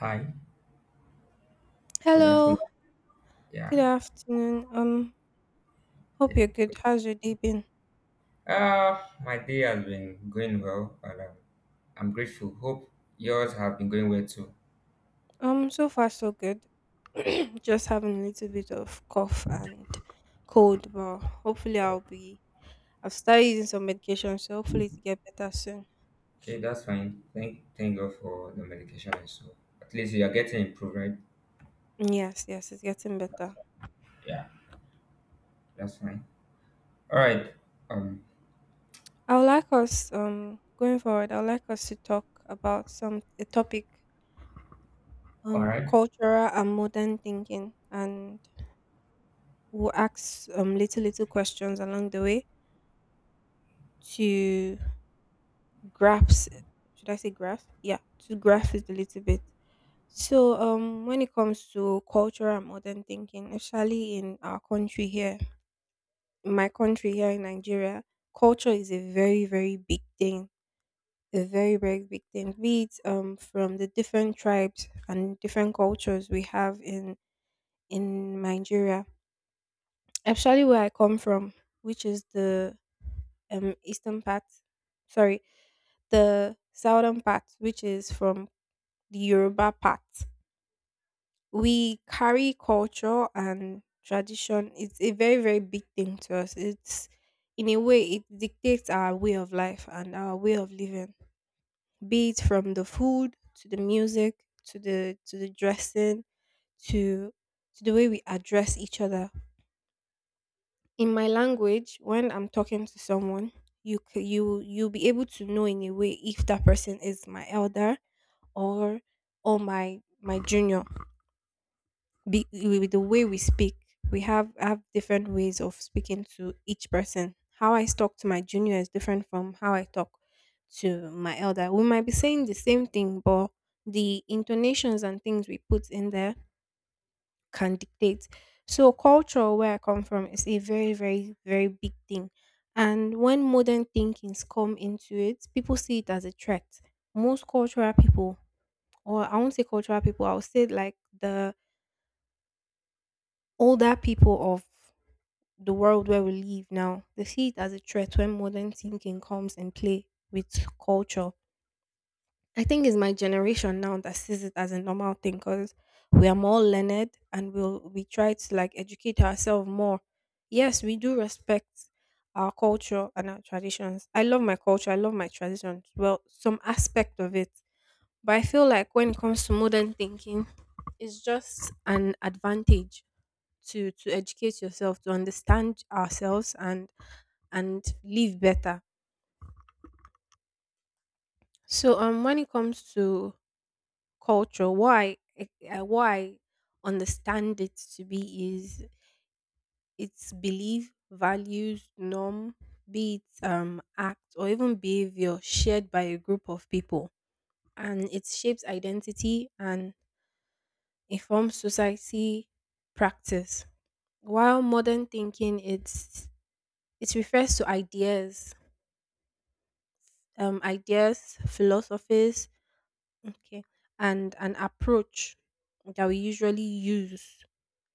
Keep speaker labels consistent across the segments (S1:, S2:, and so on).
S1: Hi, good afternoon.
S2: Hello,
S1: Yeah,
S2: good afternoon. Hope you're good. How's your day been?
S1: uh, my day has been going well, and I'm grateful. Hope yours have been going well too.
S2: So far so good. Just having a little bit of cough and cold, but hopefully I'll be. I've started using some medication, so hopefully to get better soon.
S1: Okay, that's fine. Thank God for the medication and so. At least you are getting improved, right?
S2: Yes, yes, it's getting better.
S1: Yeah, that's fine. All right. Um.
S2: I would like us going forward. I would like us to talk about some a topic
S1: All right.
S2: cultural and modern thinking, and we'll ask little questions along the way to grasp, should I say grasp? Yeah, to grasp it a little bit. So when it comes to cultural and modern thinking, especially in our country here, in my country here in Nigeria, culture is a very, very big thing. A very, very big thing. Be it from the different tribes and different cultures we have in Nigeria. Especially where I come from, which is the eastern part, sorry, the southern part, which is from the Yoruba part. We carry culture and tradition. It's a very, very big thing to us. It's In a way it dictates our way of life and our way of living. Be it from the food to the music to the dressing to to the way we address each other. In my language, when I'm talking to someone, you'll be able to know in a way if that person is my elder or my junior, with the way we speak. We have different ways of speaking to each person. How I talk to my junior is different from how I talk to my elder. We might be saying the same thing, but the intonations and things we put in there can dictate. So culture where I come from is a very, very, very big thing. And when modern thinkings come into it, people see it as a threat. Most cultural people, or I won't say cultural people, I'll say like the older people of the world where we live now. They see it as a threat when modern thinking comes and play with culture. I think it's my generation now that sees it as a normal thing, because we are more learned and we try to like educate ourselves more. Yes, we do respect our culture and our traditions. I love my culture. I love my traditions. Well, some aspect of it. But I feel like when it comes to modern thinking, it's just an advantage to educate yourself, to understand ourselves and live better. So when it comes to culture, why understand it to be is its belief, values, norm, be it act or even behavior shared by a group of people, and it shapes identity and informs society practice. While modern thinking, it refers to ideas, philosophies. Okay. And an approach that we usually use.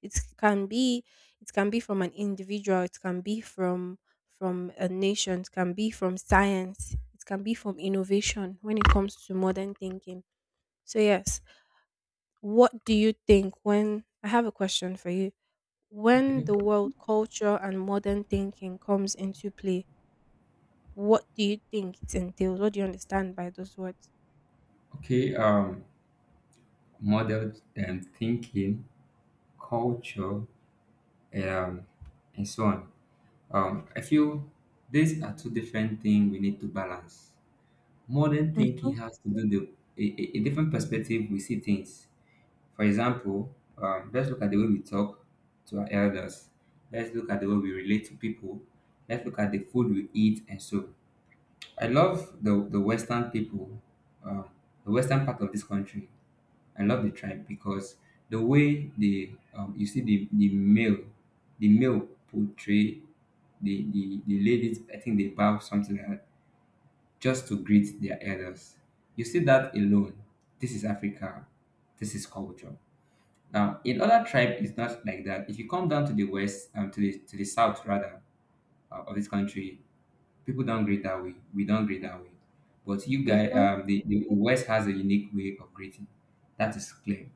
S2: It can be it can be from an individual, it can be from a nation, it can be from science, it can be from innovation when it comes to modern thinking. So yes, what do you think, when I have a question for you? When
S1: Okay.
S2: the world culture and modern thinking comes into play, what do you think it entails? What do you understand by those words?
S1: Okay. Model and thinking, culture, and so on. I feel these are two different things we need to balance. Modern thinking
S2: Mm-hmm.
S1: has to do the a different perspective we see things. For example, let's look at the way we talk to our elders. Let's look at the way we relate to people. Let's look at the food we eat and so. I love the Western people, um, the Western part of this country. I love the tribe because the way the you see the male, the male portray the ladies. I think they bow something like that just to greet their elders. You see that alone. This is Africa. This is culture. Now, in other tribe, it's not like that. If you come down to the west, to the south rather of this country, people don't greet that way. We don't greet that way. But you guys,
S2: Mm-hmm.
S1: the west has a unique way of greeting. That is clear.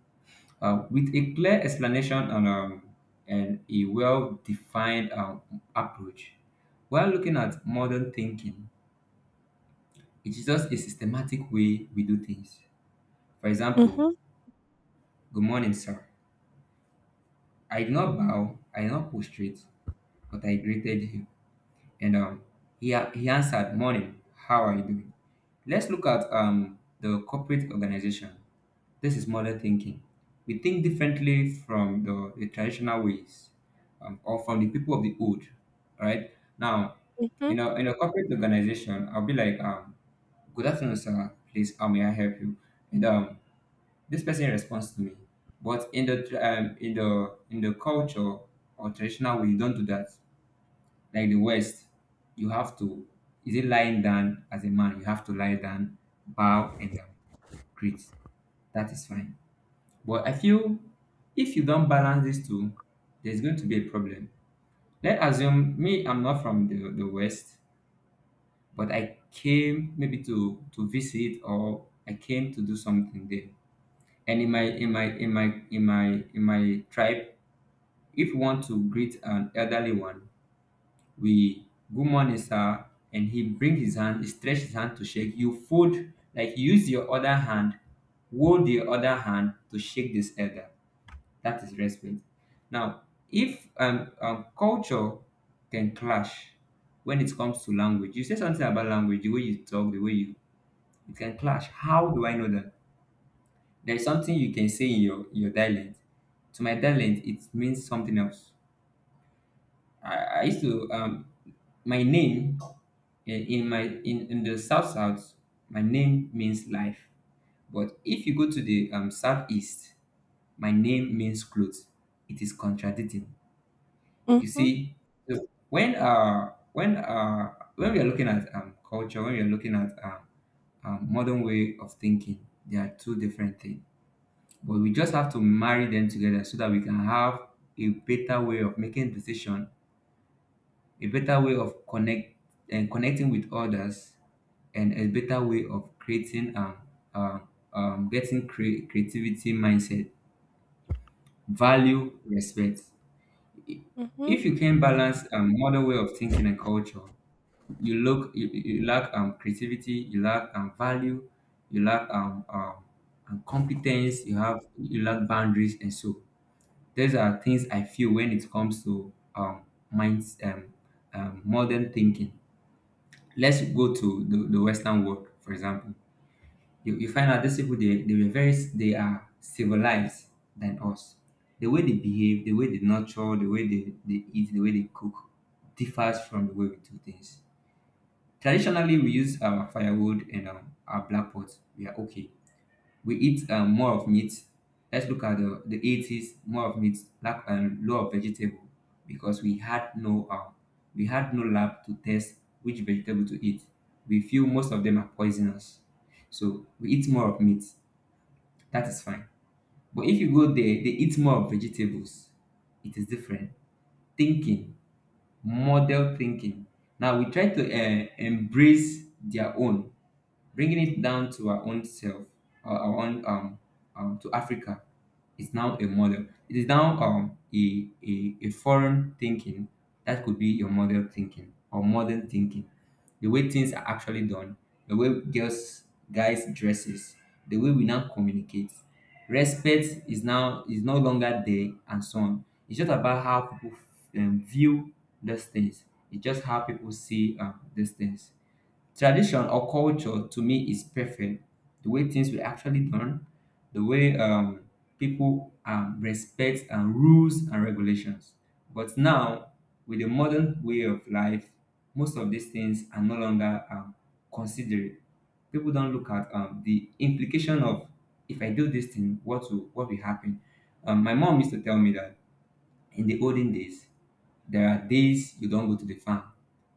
S1: With a clear explanation and a well-defined approach, while looking at modern thinking, it's just a systematic way we do things. For
S2: Mm-hmm.
S1: example, good morning, sir. I did not bow, I did not prostrate, but I greeted him. And he answered, morning, how are you doing? Let's look at the corporate organization. This is modern thinking. We think differently from the traditional ways or from the people of the old, right? Now,
S2: Mm-hmm.
S1: in a corporate organization, I'll be like, good afternoon, sir. Please, how may I help you? And this person responds to me. But in the in the culture or traditional way, you don't do that. Like the West, you have to, is it lying down as a man, you have to lie down, bow and greet. That is fine. But I feel if you don't balance these two, there's going to be a problem. Let's assume me, I'm not from the West, but I came maybe to visit or I came to do something there, and in my in my in my in my in my tribe, if you want to greet an elderly one, we, good morning sir, and he bring his hand, he stretch his hand to shake, you fold, like you use your other hand, hold the other hand to shake this elder. That is respect. Now, if culture can clash, when it comes to language, you say something about language, the way you talk, the way you, it can clash. How do I know that? There is something you can say in your dialect. To my dialect, it means something else. I used to my name, in the south south, my name means life. But if you go to the southeast, my name means clothes. It is contradicting. You
S2: Mm-hmm.
S1: see, so when we are looking at culture, when we are looking at modern way of thinking. They are two different things. But we just have to marry them together so that we can have a better way of making decision, a better way of connect and connecting with others, and a better way of creating uh, getting creativity, mindset, value, respect.
S2: Mhm.
S1: If you can balance modern way of thinking and culture, you lack creativity, you lack value, you lack competence, you have, you lack boundaries and so. These are things I feel when it comes to minds, modern thinking. Let's go to the Western world, for example. You find out these people, they were very, they are civilized than us. The way they behave, the way they nurture, the way they eat, the way they cook differs from the way we do things. Traditionally, we use our firewood and our black pots. We are okay. We eat more of meat. Let's look at the 80s, more of meat, lack and low of vegetable, because we had no lab to test which vegetable to eat. We feel most of them are poisonous, so we eat more of meat. That is fine. But if you go there, they eat more of vegetables. It is different thinking, model thinking. Now we try to embrace their own. Bringing it down to our own self, our own to Africa, is now a model. It is now a foreign thinking that could be your model thinking or modern thinking. The way things are actually done, the way girls, guys dresses, the way we now communicate, respect is now, is no longer there, and so on. It's just about how people view these things. It's just how people see these things. Tradition or culture to me is perfect. The way things were actually done, the way people respect and rules and regulations. But now, with the modern way of life, most of these things are no longer considered. People don't look at the implication of, if I do this thing, what will happen. My mom used to tell me that in the olden days, there are days you don't go to the farm.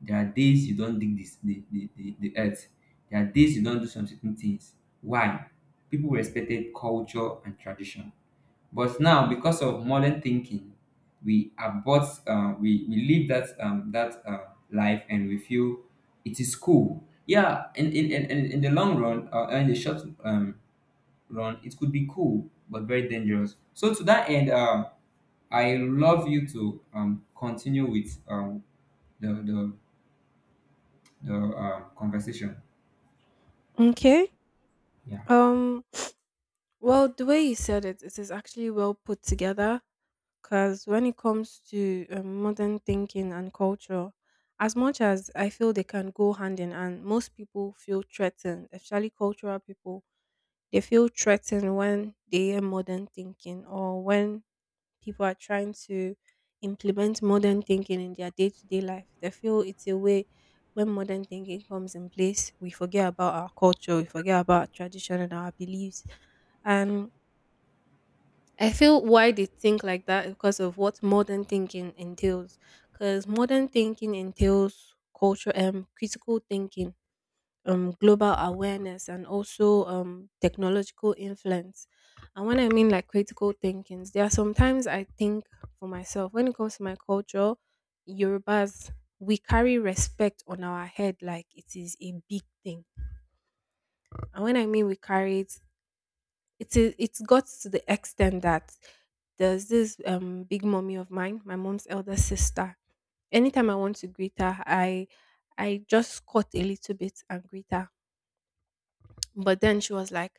S1: There are days you don't dig this, the earth. There are days you don't do some certain things. Why? People respected culture and tradition. But now, because of modern thinking, we live that life, and we feel it is cool. Yeah, in, in the long run, in the short run, it could be cool, but very dangerous. So, to that end, I love you to continue with the the the conversation.
S2: Okay.
S1: Yeah.
S2: Um. Well, the way you said it is actually well put together. Because when it comes to modern thinking and culture, as much as I feel they can go hand in hand, most people feel threatened, especially cultural people. They feel threatened when they hear modern thinking, or when people are trying to implement modern thinking in their day to day life. They feel it's a way when modern thinking comes in place, we forget about our culture, we forget about our tradition and our beliefs. And I feel why they think like that is because of what modern thinking entails. Because modern thinking entails culture and critical thinking, global awareness, and also technological influence. And when I mean like critical thinkings, there are sometimes I think for myself when it comes to my culture. Yorubas, we carry respect on our head like it is a big thing. And when I mean we carry it, it is it's got to the extent that there's this big mommy of mine, my mom's elder sister. Anytime I want to greet her, I just cut a little bit and greet her. But then she was like,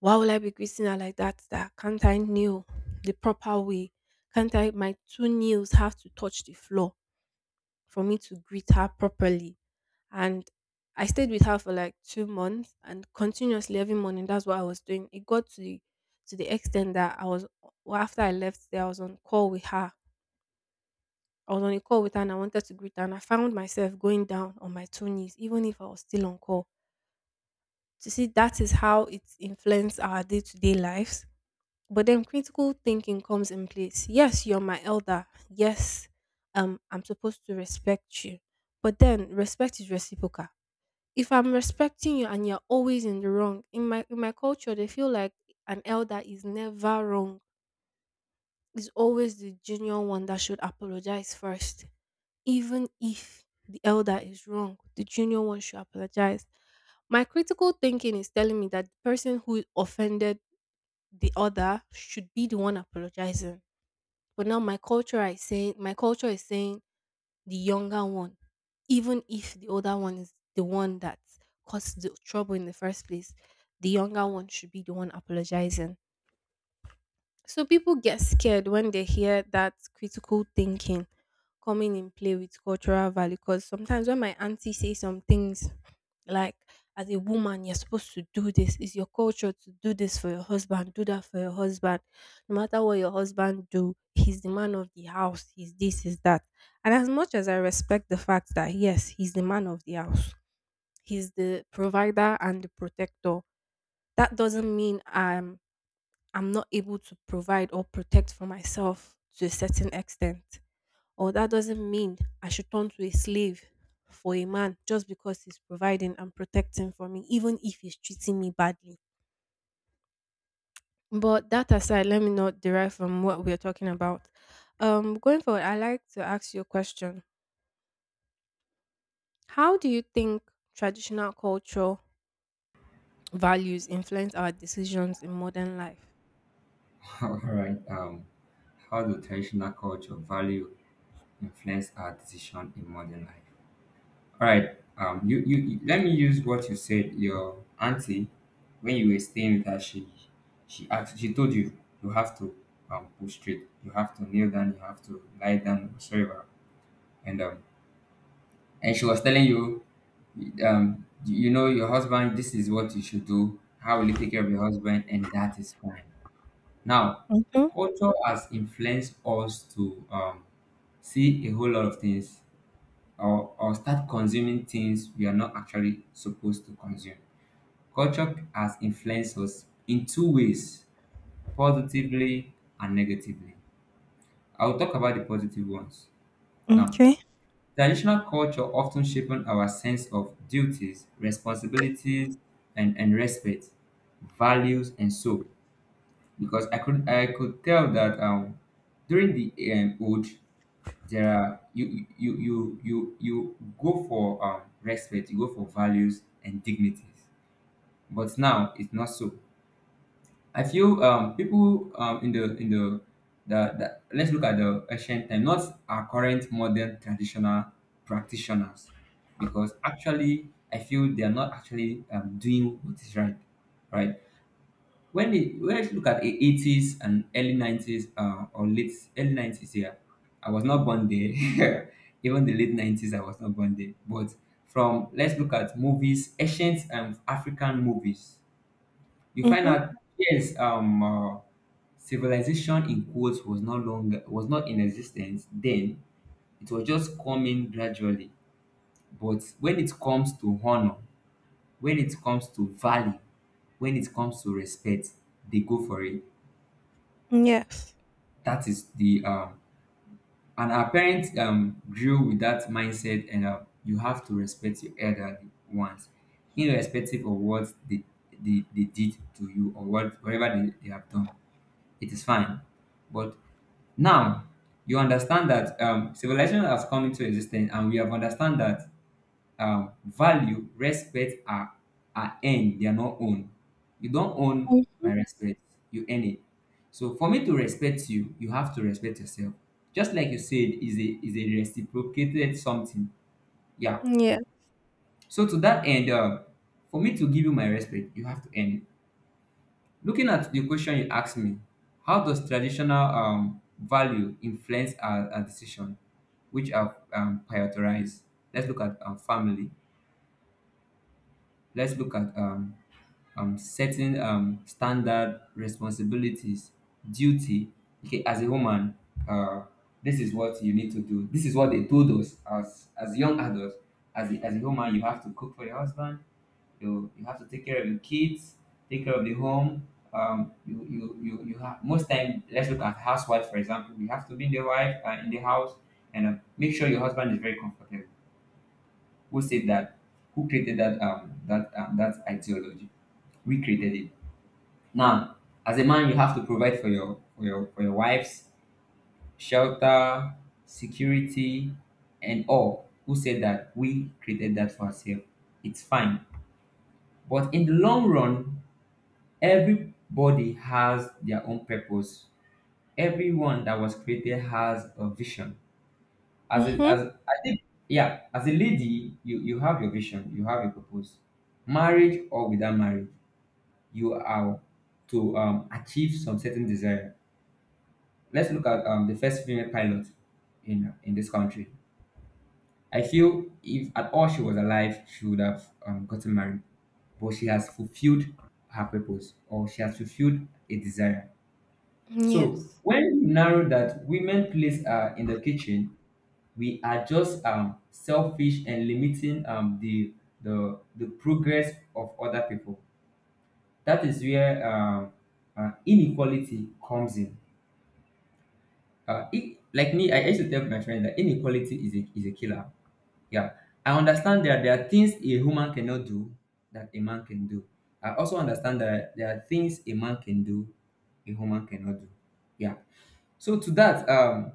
S2: why will I be greeting her like that? Can't I kneel the proper way? Can't I My two knees have to touch the floor for me to greet her properly? And I stayed with her for like 2 months, and continuously every morning that's what I was doing. It got to the extent that I was well, after I left there, I was on call with her. I was on a call with her and I wanted to greet her and I found myself going down on my two knees, even if I was still on call. To see, that is how it influences our day-to-day lives. But then critical thinking comes in place. Yes, you're my elder. Yes, I'm supposed to respect you. But then respect is reciprocal. If I'm respecting you and you're always in the wrong, in my culture they feel like an elder is never wrong. It's always the junior one that should apologize first. Even if the elder is wrong, the junior one should apologize. My critical thinking is telling me that the person who offended the other should be the one apologizing. But now, my culture is saying the younger one, even if the older one is the one that caused the trouble in the first place, the younger one should be the one apologizing. So people get scared when they hear that critical thinking coming in play with cultural value, because sometimes when my auntie says some things like, as a woman you're supposed to do this, it's your culture to do this for your husband, do that for your husband, no matter what your husband do, he's the man of the house, he's this, he's that. And as much as I respect the fact that yes, he's the man of the house, he's the provider and the protector, that doesn't mean I'm not able to provide or protect for myself to a certain extent, or that doesn't mean I should turn to a slave for a man just because he's providing and protecting for me, even if he's treating me badly. But that aside, let me not derive from what we are talking about. Going forward, I like to ask you a question. How do you think traditional cultural values influence our decisions in modern life?
S1: All right. How do traditional culture value influence our decision in modern life? All right. Let me use what you said. Your auntie, when you were staying with her, she asked, she told you you have to push straight, you have to kneel down, you have to lie down, whatsoever, and um and she was telling you, um, you know, your husband, this is what you should do, how will you take care of your husband, and that is fine. Now,
S2: Mm-hmm.
S1: culture has influenced us to see a whole lot of things, or start consuming things we are not actually supposed to consume. Culture has influenced us in two ways: positively and negatively. I'll talk about the positive ones now.
S2: Okay.
S1: Traditional culture often shapes our sense of duties, responsibilities, and respect, values, and so. Because I could tell that during the old, there are, you go for respect, you go for values and dignities. But now it's not so. I feel people in the, let's look at the ancient time, not our current modern traditional practitioners, because actually I feel they are not actually doing what is right, right? When they when Let's look at the 80s and early 90s, or late early 90s here, I was not born there. Even the late 90s, I was not born there. But, from let's look at movies, ancient African movies, you find
S2: Mm-hmm.
S1: out, yes, civilization in quotes was not long, was not in existence then. It was just coming gradually. But when it comes to honor, when it comes to value, when it comes to respect, they go for it.
S2: Yes.
S1: That is the and our parents grew with that mindset, and you have to respect your elderly ones, irrespective of what they did to you or what whatever they have done. It is fine, but now, you understand that civilization has come into existence, and we have understand that value, respect are earned; they are not owned. You don't own
S2: Mm.
S1: my respect; you earn it. So, for me to respect you, you have to respect yourself. Just like you said, is a reciprocated something. Yeah.
S2: Yeah.
S1: So to that end, for me to give you my respect, you have to earn it. Looking at the question you asked me, how does traditional value influence our decision, which are prioritized? Let's look at family. Let's look at setting standard responsibilities, duty. Okay, as a woman, uh, this is what you need to do. This is what they told us as young adults. As a woman, you have to cook for your husband. You have to take care of your kids, take care of the home. You have most time. Let's look at housewife, for example. You have to be the wife in the house, and make sure your husband is very comfortable. Who said that? Who created that ideology? We created it. Now, as a man, you have to provide for your wives, shelter, security, and all. Who said that? We created that for ourselves. It's fine. But in the long run, everybody has their own purpose. Everyone that was created has a vision. As a,
S2: Mm-hmm.
S1: as I think, yeah, as a lady, you have your vision, you have your purpose. Marriage or without marriage, you are to achieve some certain desire. Let's look at the first female pilot in this country. I feel if at all she was alive, she would have gotten married, but she has fulfilled her purpose, or she has fulfilled a desire. So
S2: Yes.
S1: when we narrow that women place are in the kitchen, we are just selfish and limiting the progress of other people. That is where inequality comes in. Like me, I used to tell my friend that inequality is a killer. Yeah, I understand that there are things a woman cannot do that a man can do. I also understand that there are things a man can do a woman cannot do. Yeah. So to that,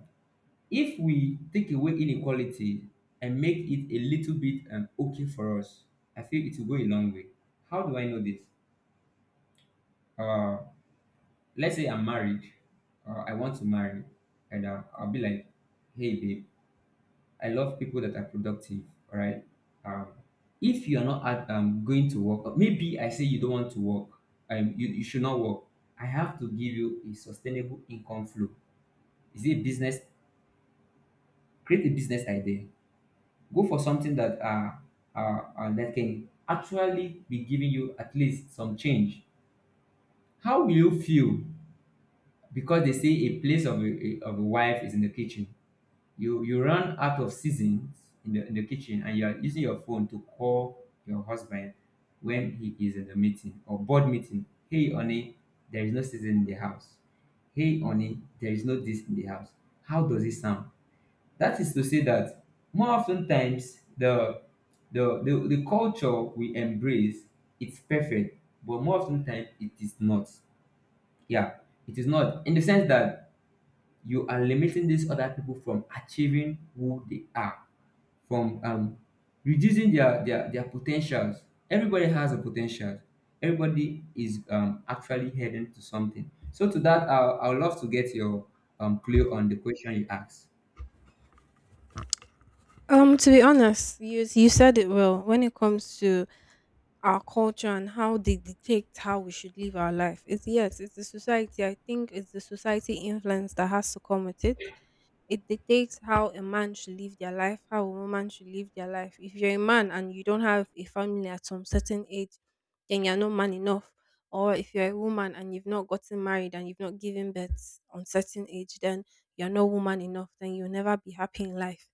S1: if we take away inequality and make it a little bit okay for us, I feel it will go a long way. How do I know this? Uh, let's say I'm married, I want to marry, and I'll be like, "Hey, babe, I love people that are productive, all right? Um, if you are not going to work, or maybe I say you don't want to work, you should not work. I have to give you a sustainable income flow. Is it a business? Create a business idea. Go for something that that can actually be giving you at least some change." How will you feel because they say a place of a wife is in the kitchen? You run out of seasons in the kitchen, and you are using your phone to call your husband when he is in the meeting or board meeting. "Hey honey, there is no season in the house. Hey honey, there is no this in the house." How does it sound? That is to say that more often times, the culture we embrace, it's perfect, but more often times it is not. Yeah, it is not in the sense that you are limiting these other people from achieving who they are, from reducing their potentials. Everybody has a potential. Everybody is actually heading to something. So to that, I would love to get your clue on the question you asked.
S2: To be honest, you said it well when it comes to our culture and how they dictate how we should live our life. It's, yes, it's the society. I think it's the society influence that has to come with it. It dictates how a man should live their life, how a woman should live their life. If you're a man and you don't have a family at some certain age, then you're not man enough. Or if you're a woman and you've not gotten married and you've not given birth on certain age, then you're not woman enough. Then you'll never be happy in life.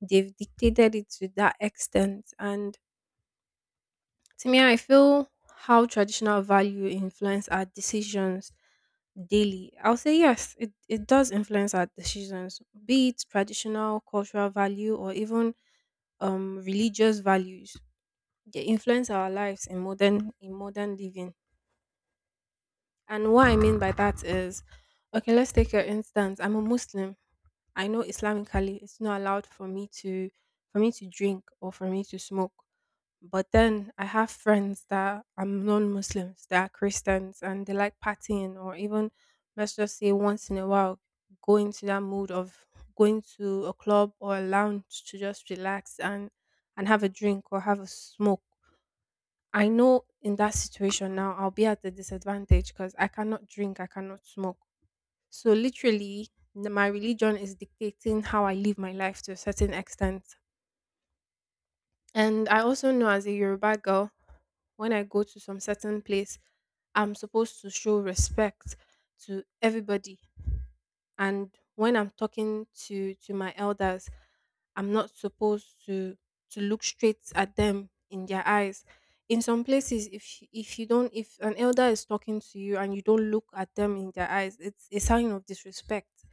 S2: They've dictated it to that extent, and to me, I feel how traditional value influence our decisions daily. I'll say yes, it does influence our decisions, be it traditional cultural value or even religious values. They influence our lives in modern living. And what I mean by that is, okay, let's take your instance. I'm a Muslim. I know Islamically it's not allowed for me to, drink, or for me to smoke. But then I have friends that are non-Muslims, that are Christians, and they like partying, or even, let's just say, once in a while go into that mood of going to a club or a lounge to just relax and have a drink or have a smoke. I know in that situation now I'll be at a disadvantage because I cannot drink, I cannot smoke. So literally, my religion is dictating how I live my life to a certain extent. And I also know, as a Yoruba girl, when I go to some certain place, I'm supposed to show respect to everybody. And when I'm talking to my elders, I'm not supposed to look straight at them in their eyes. In some places, if you don't, if an elder is talking to you and you don't look at them in their eyes, it's a sign of disrespect.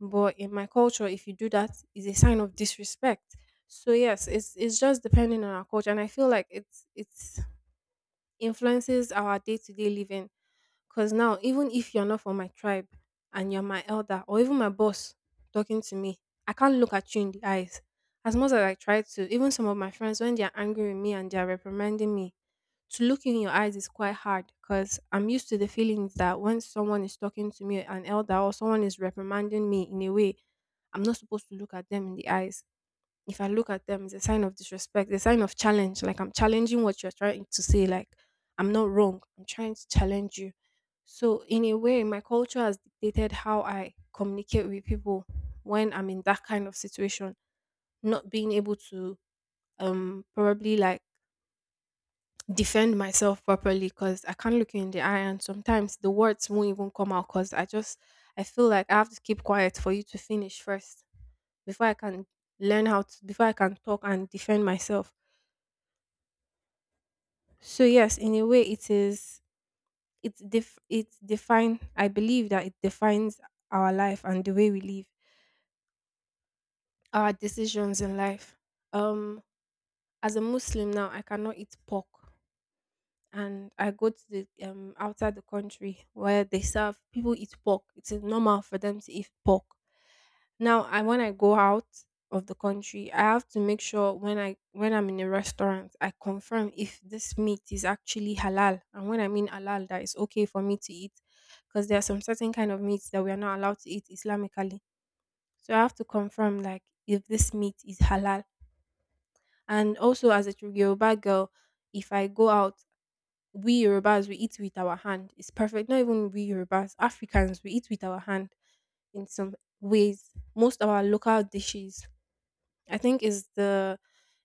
S2: But in my culture, if you do that, is a sign of disrespect. So yes, it's just depending on our culture, and I feel like it's influences our day to day living because now, even if you're not from my tribe and you're my elder or even my boss talking to me, I can't look at you in the eyes. As much as I try to, even some of my friends, when they're angry with me and they're reprimanding me, to look you in your eyes is quite hard because I'm used to the feelings that when someone is talking to me, an elder or someone is reprimanding me in a way, I'm not supposed to look at them in the eyes. If I look at them, it's a sign of disrespect, it's a sign of challenge. Like I'm challenging what you're trying to say. Like I'm not wrong. I'm trying to challenge you. So in a way, my culture has dictated how I communicate with people when I'm in that kind of situation. Not being able to probably like defend myself properly because I can't look you in the eye and sometimes the words won't even come out because I feel like I have to keep quiet for you to finish first before I can learn how to before I can talk and defend myself. So yes, in a way, it is. It def. It define. I believe that it defines our life and the way we live, our decisions in life. Um, as a Muslim now, I cannot eat pork. And I go to the outside the country where they serve people eat pork. It's normal for them to eat pork. Now, I when I go out of the country, I have to make sure when I'm in a restaurant, I confirm if this meat is actually halal. And when I mean halal, that is okay for me to eat, because there are some certain kind of meats that we are not allowed to eat Islamically. So I have to confirm like if this meat is halal. And also as a Yoruba girl, if I go out we Yorubas we eat with our hand. It's perfect. Not even we Yorubas, Africans we eat with our hand in some ways. Most of our local dishes, I think, is the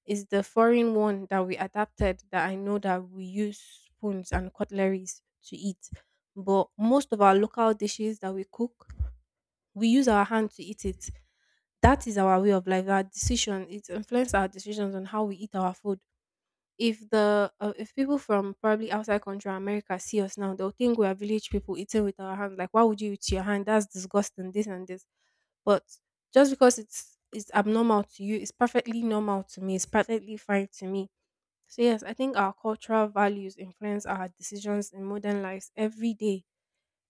S2: is the foreign one that we adapted that I know that we use spoons and cutleries to eat. But most of our local dishes that we cook, we use our hand to eat it. That is our way of life. Our decision it influences our decisions on how we eat our food if the if people from probably outside country or America see us now, they'll think we are village people eating with our hand. Like, why would you eat your hand? That's disgusting. This and this. But just because it's abnormal to you, it's perfectly normal to me. It's perfectly fine to me. So yes, I think our cultural values influence our decisions in modern lives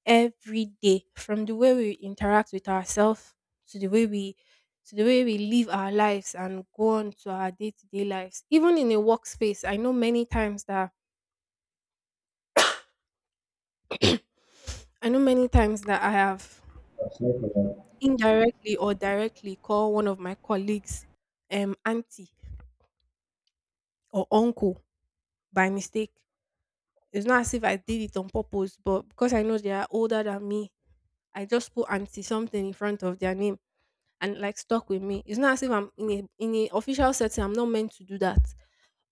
S2: every day from the way we interact with ourselves to the way we to the way we live our lives and go on to our day-to-day lives even in a workspace. I know many times that I know many times that I have indirectly or directly called one of my colleagues auntie or uncle by mistake. It's not as if I did it on purpose, but because I know they are older than me, I just put auntie something in front of their name and like stuck with me. It's not as if I'm in a official setting, I'm not meant to do that.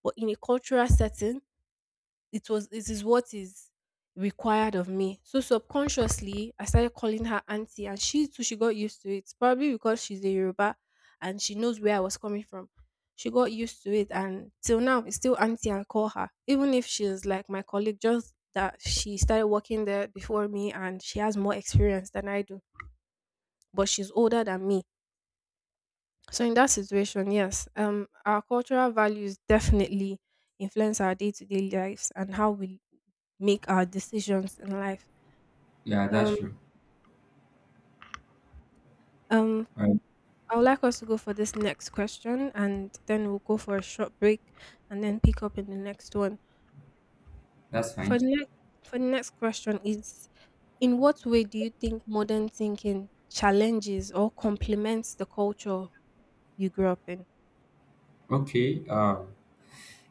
S2: But in a cultural setting, it is what is required of me. So subconsciously, I started calling her auntie, and she got used to it. Probably because she's a Yoruba, and she knows where I was coming from. She got used to it, and till now it's still auntie. I call her, even if she's like my colleague, just that she started working there before me, and she has more experience than I do. But she's older than me, so in that situation, yes, our cultural values definitely influence our day-to-day lives and how we make our decisions in life.
S1: Yeah, that's
S2: Um,
S1: true.
S2: um, I would like us to go for this next question, and then we'll go for a short break, and then pick up in the next one.
S1: That's
S2: For
S1: fine.
S2: the next, for the next question is, in what way do you think modern thinking challenges or complements the culture you grew up in?
S1: Okay.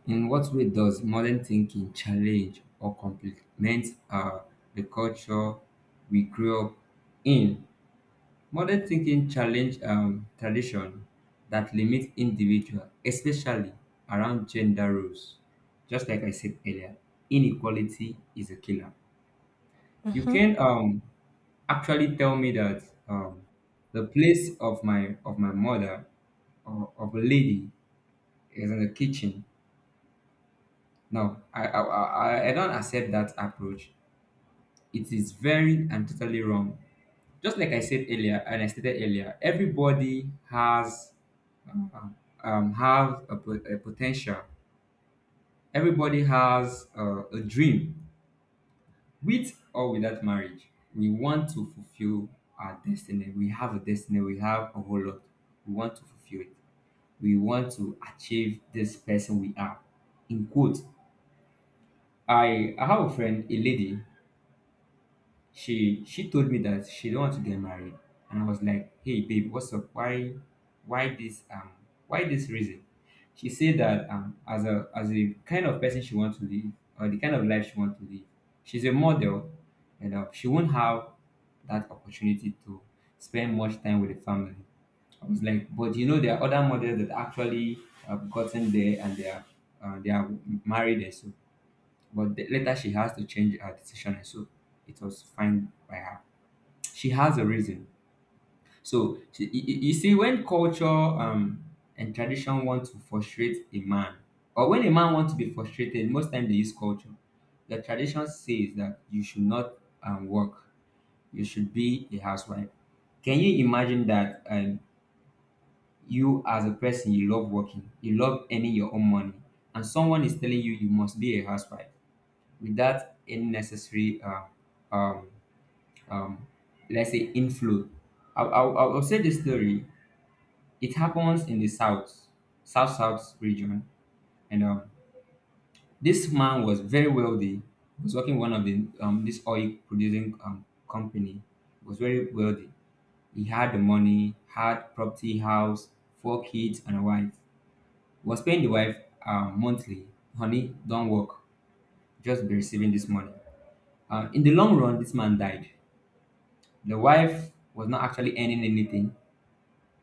S1: In what way does modern thinking challenge or complement the culture we grew up in? Modern thinking challenge tradition that limit individual, especially around gender roles. Just like I said earlier, inequality is a killer. You
S2: Mm-hmm.
S1: can actually tell me that um, the place of my mother or of a lady is in the kitchen. No, I don't accept that approach. It is very and totally wrong. Just like I said earlier, and I stated earlier, everybody has uh, um have a, po- a potential. Everybody has a dream, with or without marriage. We want to fulfill our destiny. We have a destiny. We have a whole lot. We want to fulfill it. We want to achieve this person we are. In quote, I have a friend, a lady. She told me that she don't want to get married. And I was like, "Hey babe, what's up? Why why this um this reason?" She said that as a kind of person she wants to live, or the kind of life she wants to live, she's a model, and she won't have that opportunity to spend much time with the family. I was like, "But, there are other models that actually have gotten there and they are married and so." But later she has to change her decision, and so it was fine by her. She has a reason. So she, you see, when culture and tradition want to frustrate a man, or when a man wants to be frustrated, most time they use culture. The tradition says that you should not work. You should be a housewife. Can you imagine that you as a person you love working, you love earning your own money, and someone is telling you you must be a housewife? Without any necessary um, um, let's say inflow. I'll say this story. It happens in the south, south region, and this man was very wealthy. He was working one of the this oil producing company. He was very wealthy. He had the money, had property, house, four kids, and a wife. He was paying the wife monthly. "Honey, don't work. Just be receiving this money." In the long run, this man died. The wife was not actually earning anything,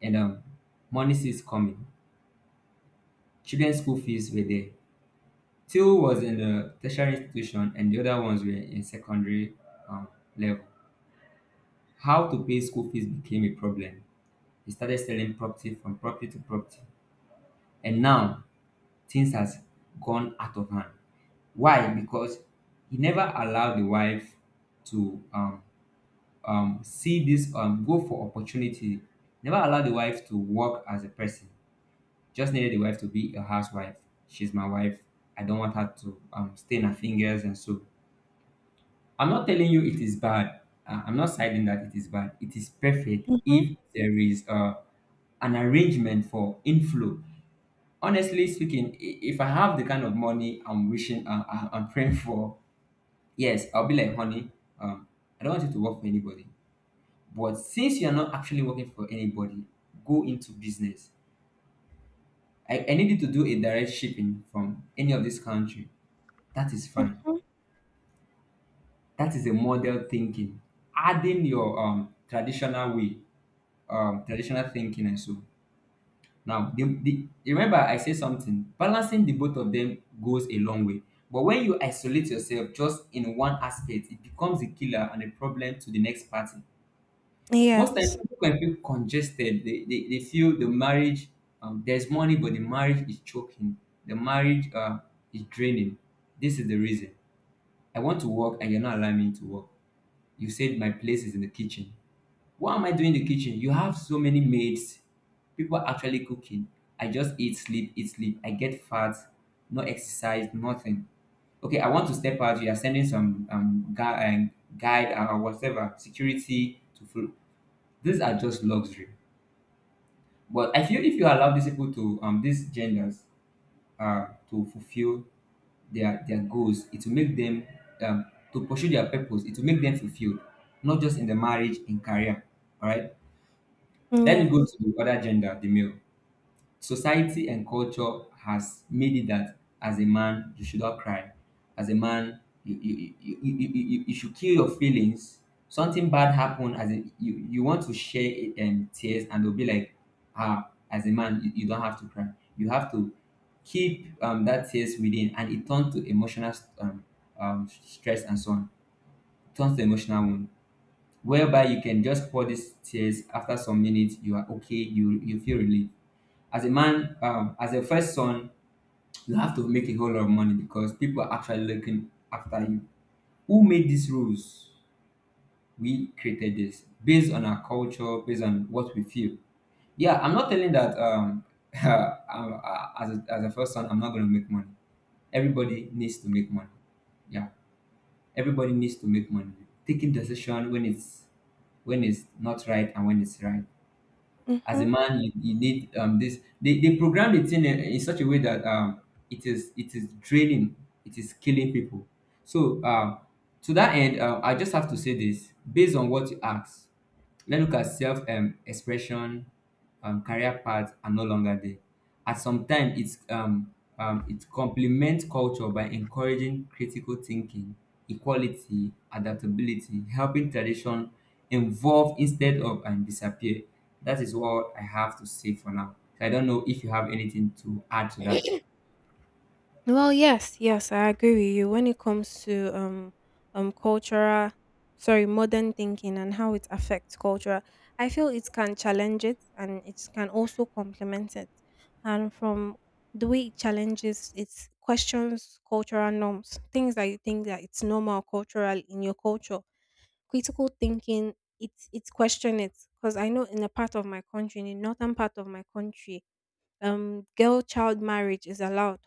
S1: and money is coming. Children's school fees were there. Two was in the tertiary institution, and the other ones were in secondary um, level. How to pay school fees became a problem. He started selling property from property to property, and now things has gone out of hand. Why? Because he never allowed the wife to see this go for opportunity. Never allowed the wife to work as a person. Just needed a wife to be a housewife. "She's my wife. I don't want her to stain her fingers," and so. I'm not telling you it is bad. I'm not saying that it is bad. It is perfect
S2: Mm-hmm.
S1: if there is an arrangement for inflow. Honestly speaking, if I have the kind of money I'm wishing, I'm praying for, yes, I'll be like, "Honey, um, I don't want you to work for anybody. But since you're not actually working for anybody, go into business. I need you to do a direct shipping from any of this country." That is fine.
S2: Mm-hmm.
S1: That is a model thinking. Adding your traditional way, traditional thinking, and so. Now, remember I say something. Balancing the both of them goes a long way. But when you isolate yourself just in one aspect, it becomes a killer and a problem to the next party. Most times,
S2: Yes.
S1: people can feel congested. They feel the marriage, there's money, but the marriage is choking. The marriage is draining. This is the reason. "I want to work and you're not allowing me to work. You said my place is in the kitchen. What am I doing in the kitchen? You have so many maids. People are actually cooking. I just eat, sleep, eat, sleep. I get fat, no exercise, nothing. Okay, I want to step out. You are sending some guide, or whatever security to food." These are just luxury. But I feel if you allow these people to these genders to fulfill their goals, it will make them um, to pursue their purpose. It will make them fulfilled, not just in the marriage, in career, all right? Let me go to
S2: Yes.
S1: the other gender, the male. Society and culture has made it that as a man you should not cry. As a man you should kill your feelings. Something bad happened, as a you you want to share it tears, and they'll be like, "Ah, as a man you don't have to cry. You have to keep that tears within," and it turns to emotional um, stress, and so on. It turns to emotional wound, whereby you can just pour these tears. After some minutes you are okay, you feel relieved. As a man, as a first son, you have to make a whole lot of money because people are actually looking after you. Who made these rules? We created this based on our culture, based on what we feel. Yeah, I'm not telling that um, as a first son, I'm not going to make money. Everybody needs to make money. Yeah, everybody needs to make money. Taking decision when it's not right and when it's right. As a
S2: Mm-hmm.
S1: man you need this. They program the thing in such a way that it is draining. It is killing people. So to that end, I just have to say this based on what you asked. Let's look at self expression, career paths are no longer there. At some time, it complements culture by encouraging critical thinking, equality, adaptability, helping tradition evolve instead of and disappear. That is what I have to say for now. I don't know if you have anything to add to that.
S2: Well, yes, yes, I agree with you. When it comes to cultural, sorry, modern thinking and how it affects culture, I feel it can challenge it and it can also complement it. And from the way it challenges, it questions cultural norms, things that you think that it's normal cultural in your culture. Critical thinking, it's question it because I know in a part of my country, in the northern part of my country, girl child marriage is allowed,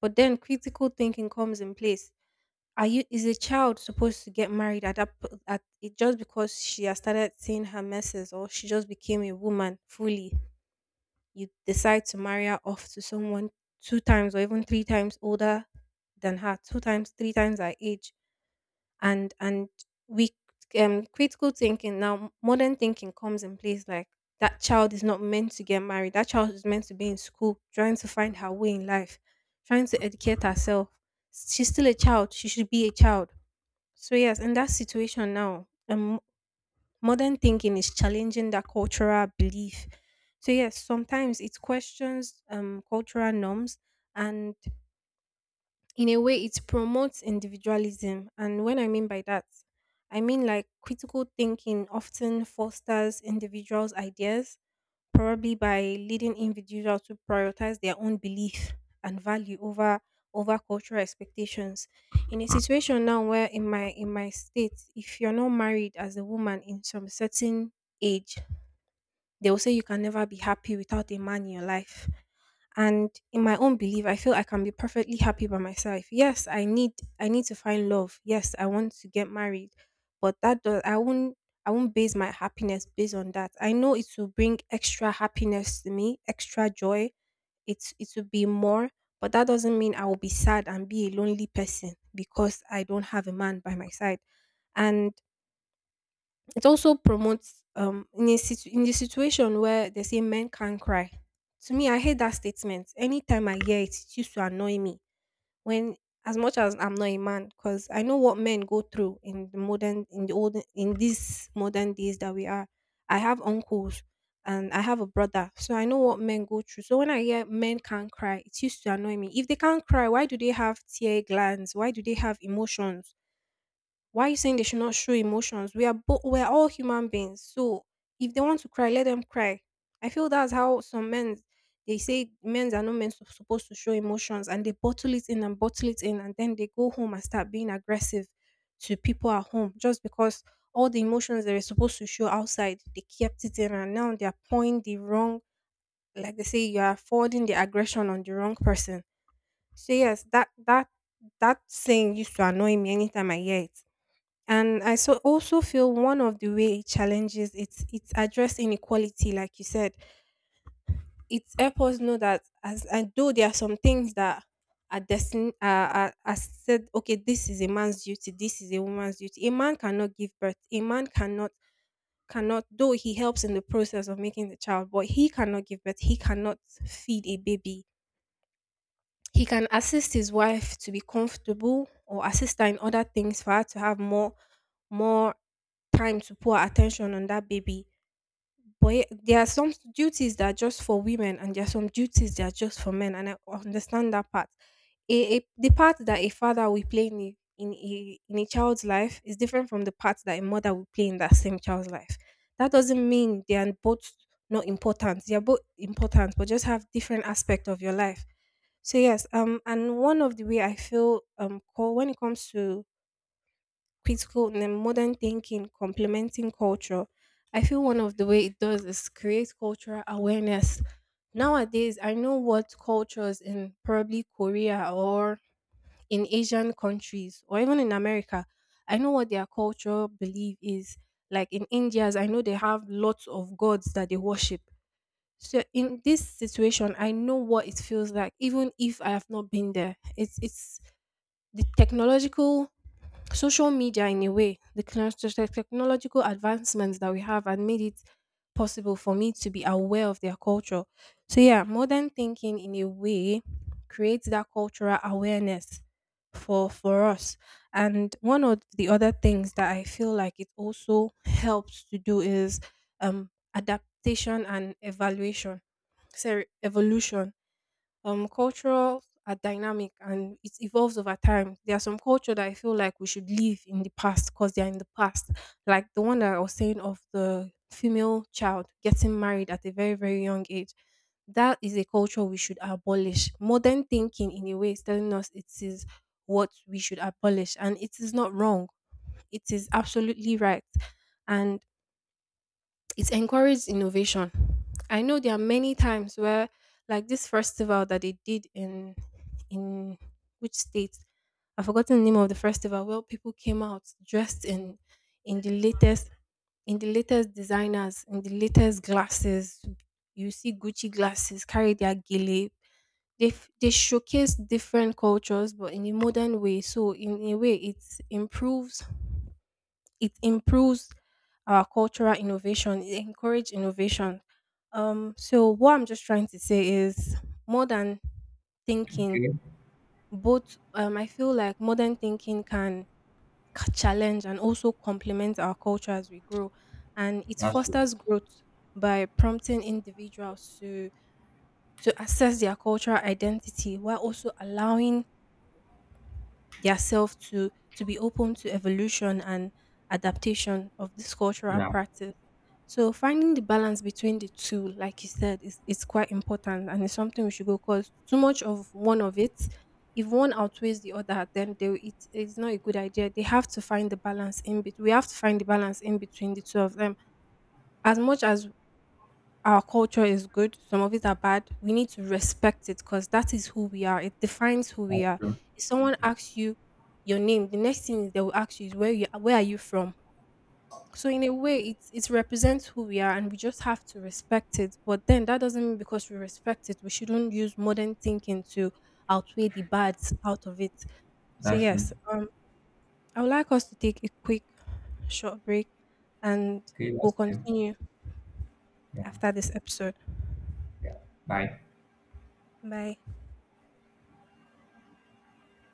S2: but then critical thinking comes in place. Are you is a child supposed to get married at at it just because she has started seeing her messes or she just became a woman fully? You decide to marry her off to someone two times or even three times older than her, two times, three times her age, and we critical thinking, now modern thinking comes in place, like that child is not meant to get married, that child is meant to be in school trying to find her way in life, trying to educate herself. She's still a child, she should be a child. So yes, in that situation now, modern thinking is challenging that cultural belief. So yes, sometimes it questions cultural norms, and in a way it promotes individualism. And when I mean by that, I mean like critical thinking often fosters individuals ideas, probably by leading individuals to prioritize their own belief and value over over cultural expectations. In a situation now where in my state if you're not married as a woman in some certain age, they will say you can never be happy without a man in your life. And in my own belief, I feel I can be perfectly happy by myself. Yes, I need to find love. Yes, I want to get married, but that does I won't base my happiness based on that. I know it will bring extra happiness to me, extra joy. It will be more, but that doesn't mean I will be sad and be a lonely person because I don't have a man by my side. And it also promotes in the situation where they say men can't cry. To me, I hate that statement. Anytime I hear it, it used to annoy me. When as much as I'm not a man, because I know what men go through in the modern, in the old, in these modern days that we are. I have uncles and I have a brother, so I know what men go through. So when I hear men can't cry, it used to annoy me. If they can't cry, why do they have tear glands? Why do they have emotions? Why are you saying they should not show emotions? We're all human beings. So if they want to cry, let them cry. I feel that's how some men they say men are not meant to, supposed to show emotions, and they bottle it in and bottle it in, and then they go home and start being aggressive to people at home just because all the emotions they were supposed to show outside they kept it in, and now they are pouring the wrong, like they say you are forwarding the aggression on the wrong person. So yes, that saying used to annoy me anytime I hear it. And I so also feel one of the way it challenges it's address inequality, like you said. It helps us know that as and though there are some things that are said, okay, this is a man's duty, this is a woman's duty. A man cannot give birth. A man cannot though he helps in the process of making the child, but he cannot give birth, he cannot feed a baby. He can assist his wife to be comfortable or assist her in other things for her to have more time to pour her attention on that baby. But there are some duties that are just for women and there are some duties that are just for men, and I understand that part. The part that a father will play in in a child's life is different from the part that a mother will play in that same child's life. That doesn't mean they are both not important. They are both important, but just have different aspect of your life. So yes, and one of the way I feel call when it comes to critical and modern thinking complementing culture, I feel one of the way it does is create cultural awareness. Nowadays, I know what cultures in probably Korea or in Asian countries or even in America, I know what their culture belief is. Like in India's, I know they have lots of gods that they worship. So in this situation, I know what it feels like, even if I have not been there. It's the technological social media, in a way the technological advancements that we have and made it possible for me to be aware of their culture. So yeah, modern thinking in a way creates that cultural awareness for us. And one of the other things that I feel like it also helps to do is adaptation and evaluation sorry evolution. Cultures are dynamic and it evolves over time. There are some culture that I feel like we should leave in the past because they are in the past. Like the one that I was saying of the female child getting married at a very, very young age. That is a culture we should abolish. Modern thinking in a way is telling us it is what we should abolish, and it is not wrong. It is absolutely right. And it encourages innovation. I know there are many times where, like this festival that they did in which state, I've forgotten the name of the festival, where people came out dressed in in the latest in the latest designers, in the latest glasses. You see Gucci glasses, carry their gele. They, they showcase different cultures, but in a modern way. So in a way, it improves improves our cultural innovation, it encourages innovation. So what I'm just trying to say is more than thinking,
S1: Okay,
S2: both I feel like modern thinking can challenge and also complement our culture as we grow, and it
S1: that's true.
S2: fosters growth by prompting individuals to assess their cultural identity, while also allowing their self to be open to evolution and adaptation of this cultural
S1: Yeah,
S2: practice. So finding the balance between the two, like you said, is it's quite important, and it's something we should go because too much of one of it, if one outweighs the other, then it is not a good idea. They have to find the balance in between. We have to find the balance in between the two of them. As much as our culture is good, some of it are bad. We need to respect it because that is who we are. It defines who we
S1: that's
S2: are.
S1: true.
S2: If someone
S1: Yeah,
S2: asks you your name, the next thing they will ask you is where are you from? So in a way, it represents who we are, and we just have to respect it. But then that doesn't mean because we respect it, we shouldn't use modern thinking to outweigh the bads out of it. So
S1: that's true.
S2: yes, I would like us to take a quick short break, and
S1: Okay,
S2: we'll
S1: that's fine.
S2: continue
S1: Yeah,
S2: after this episode.
S1: yeah. Bye.
S2: Bye.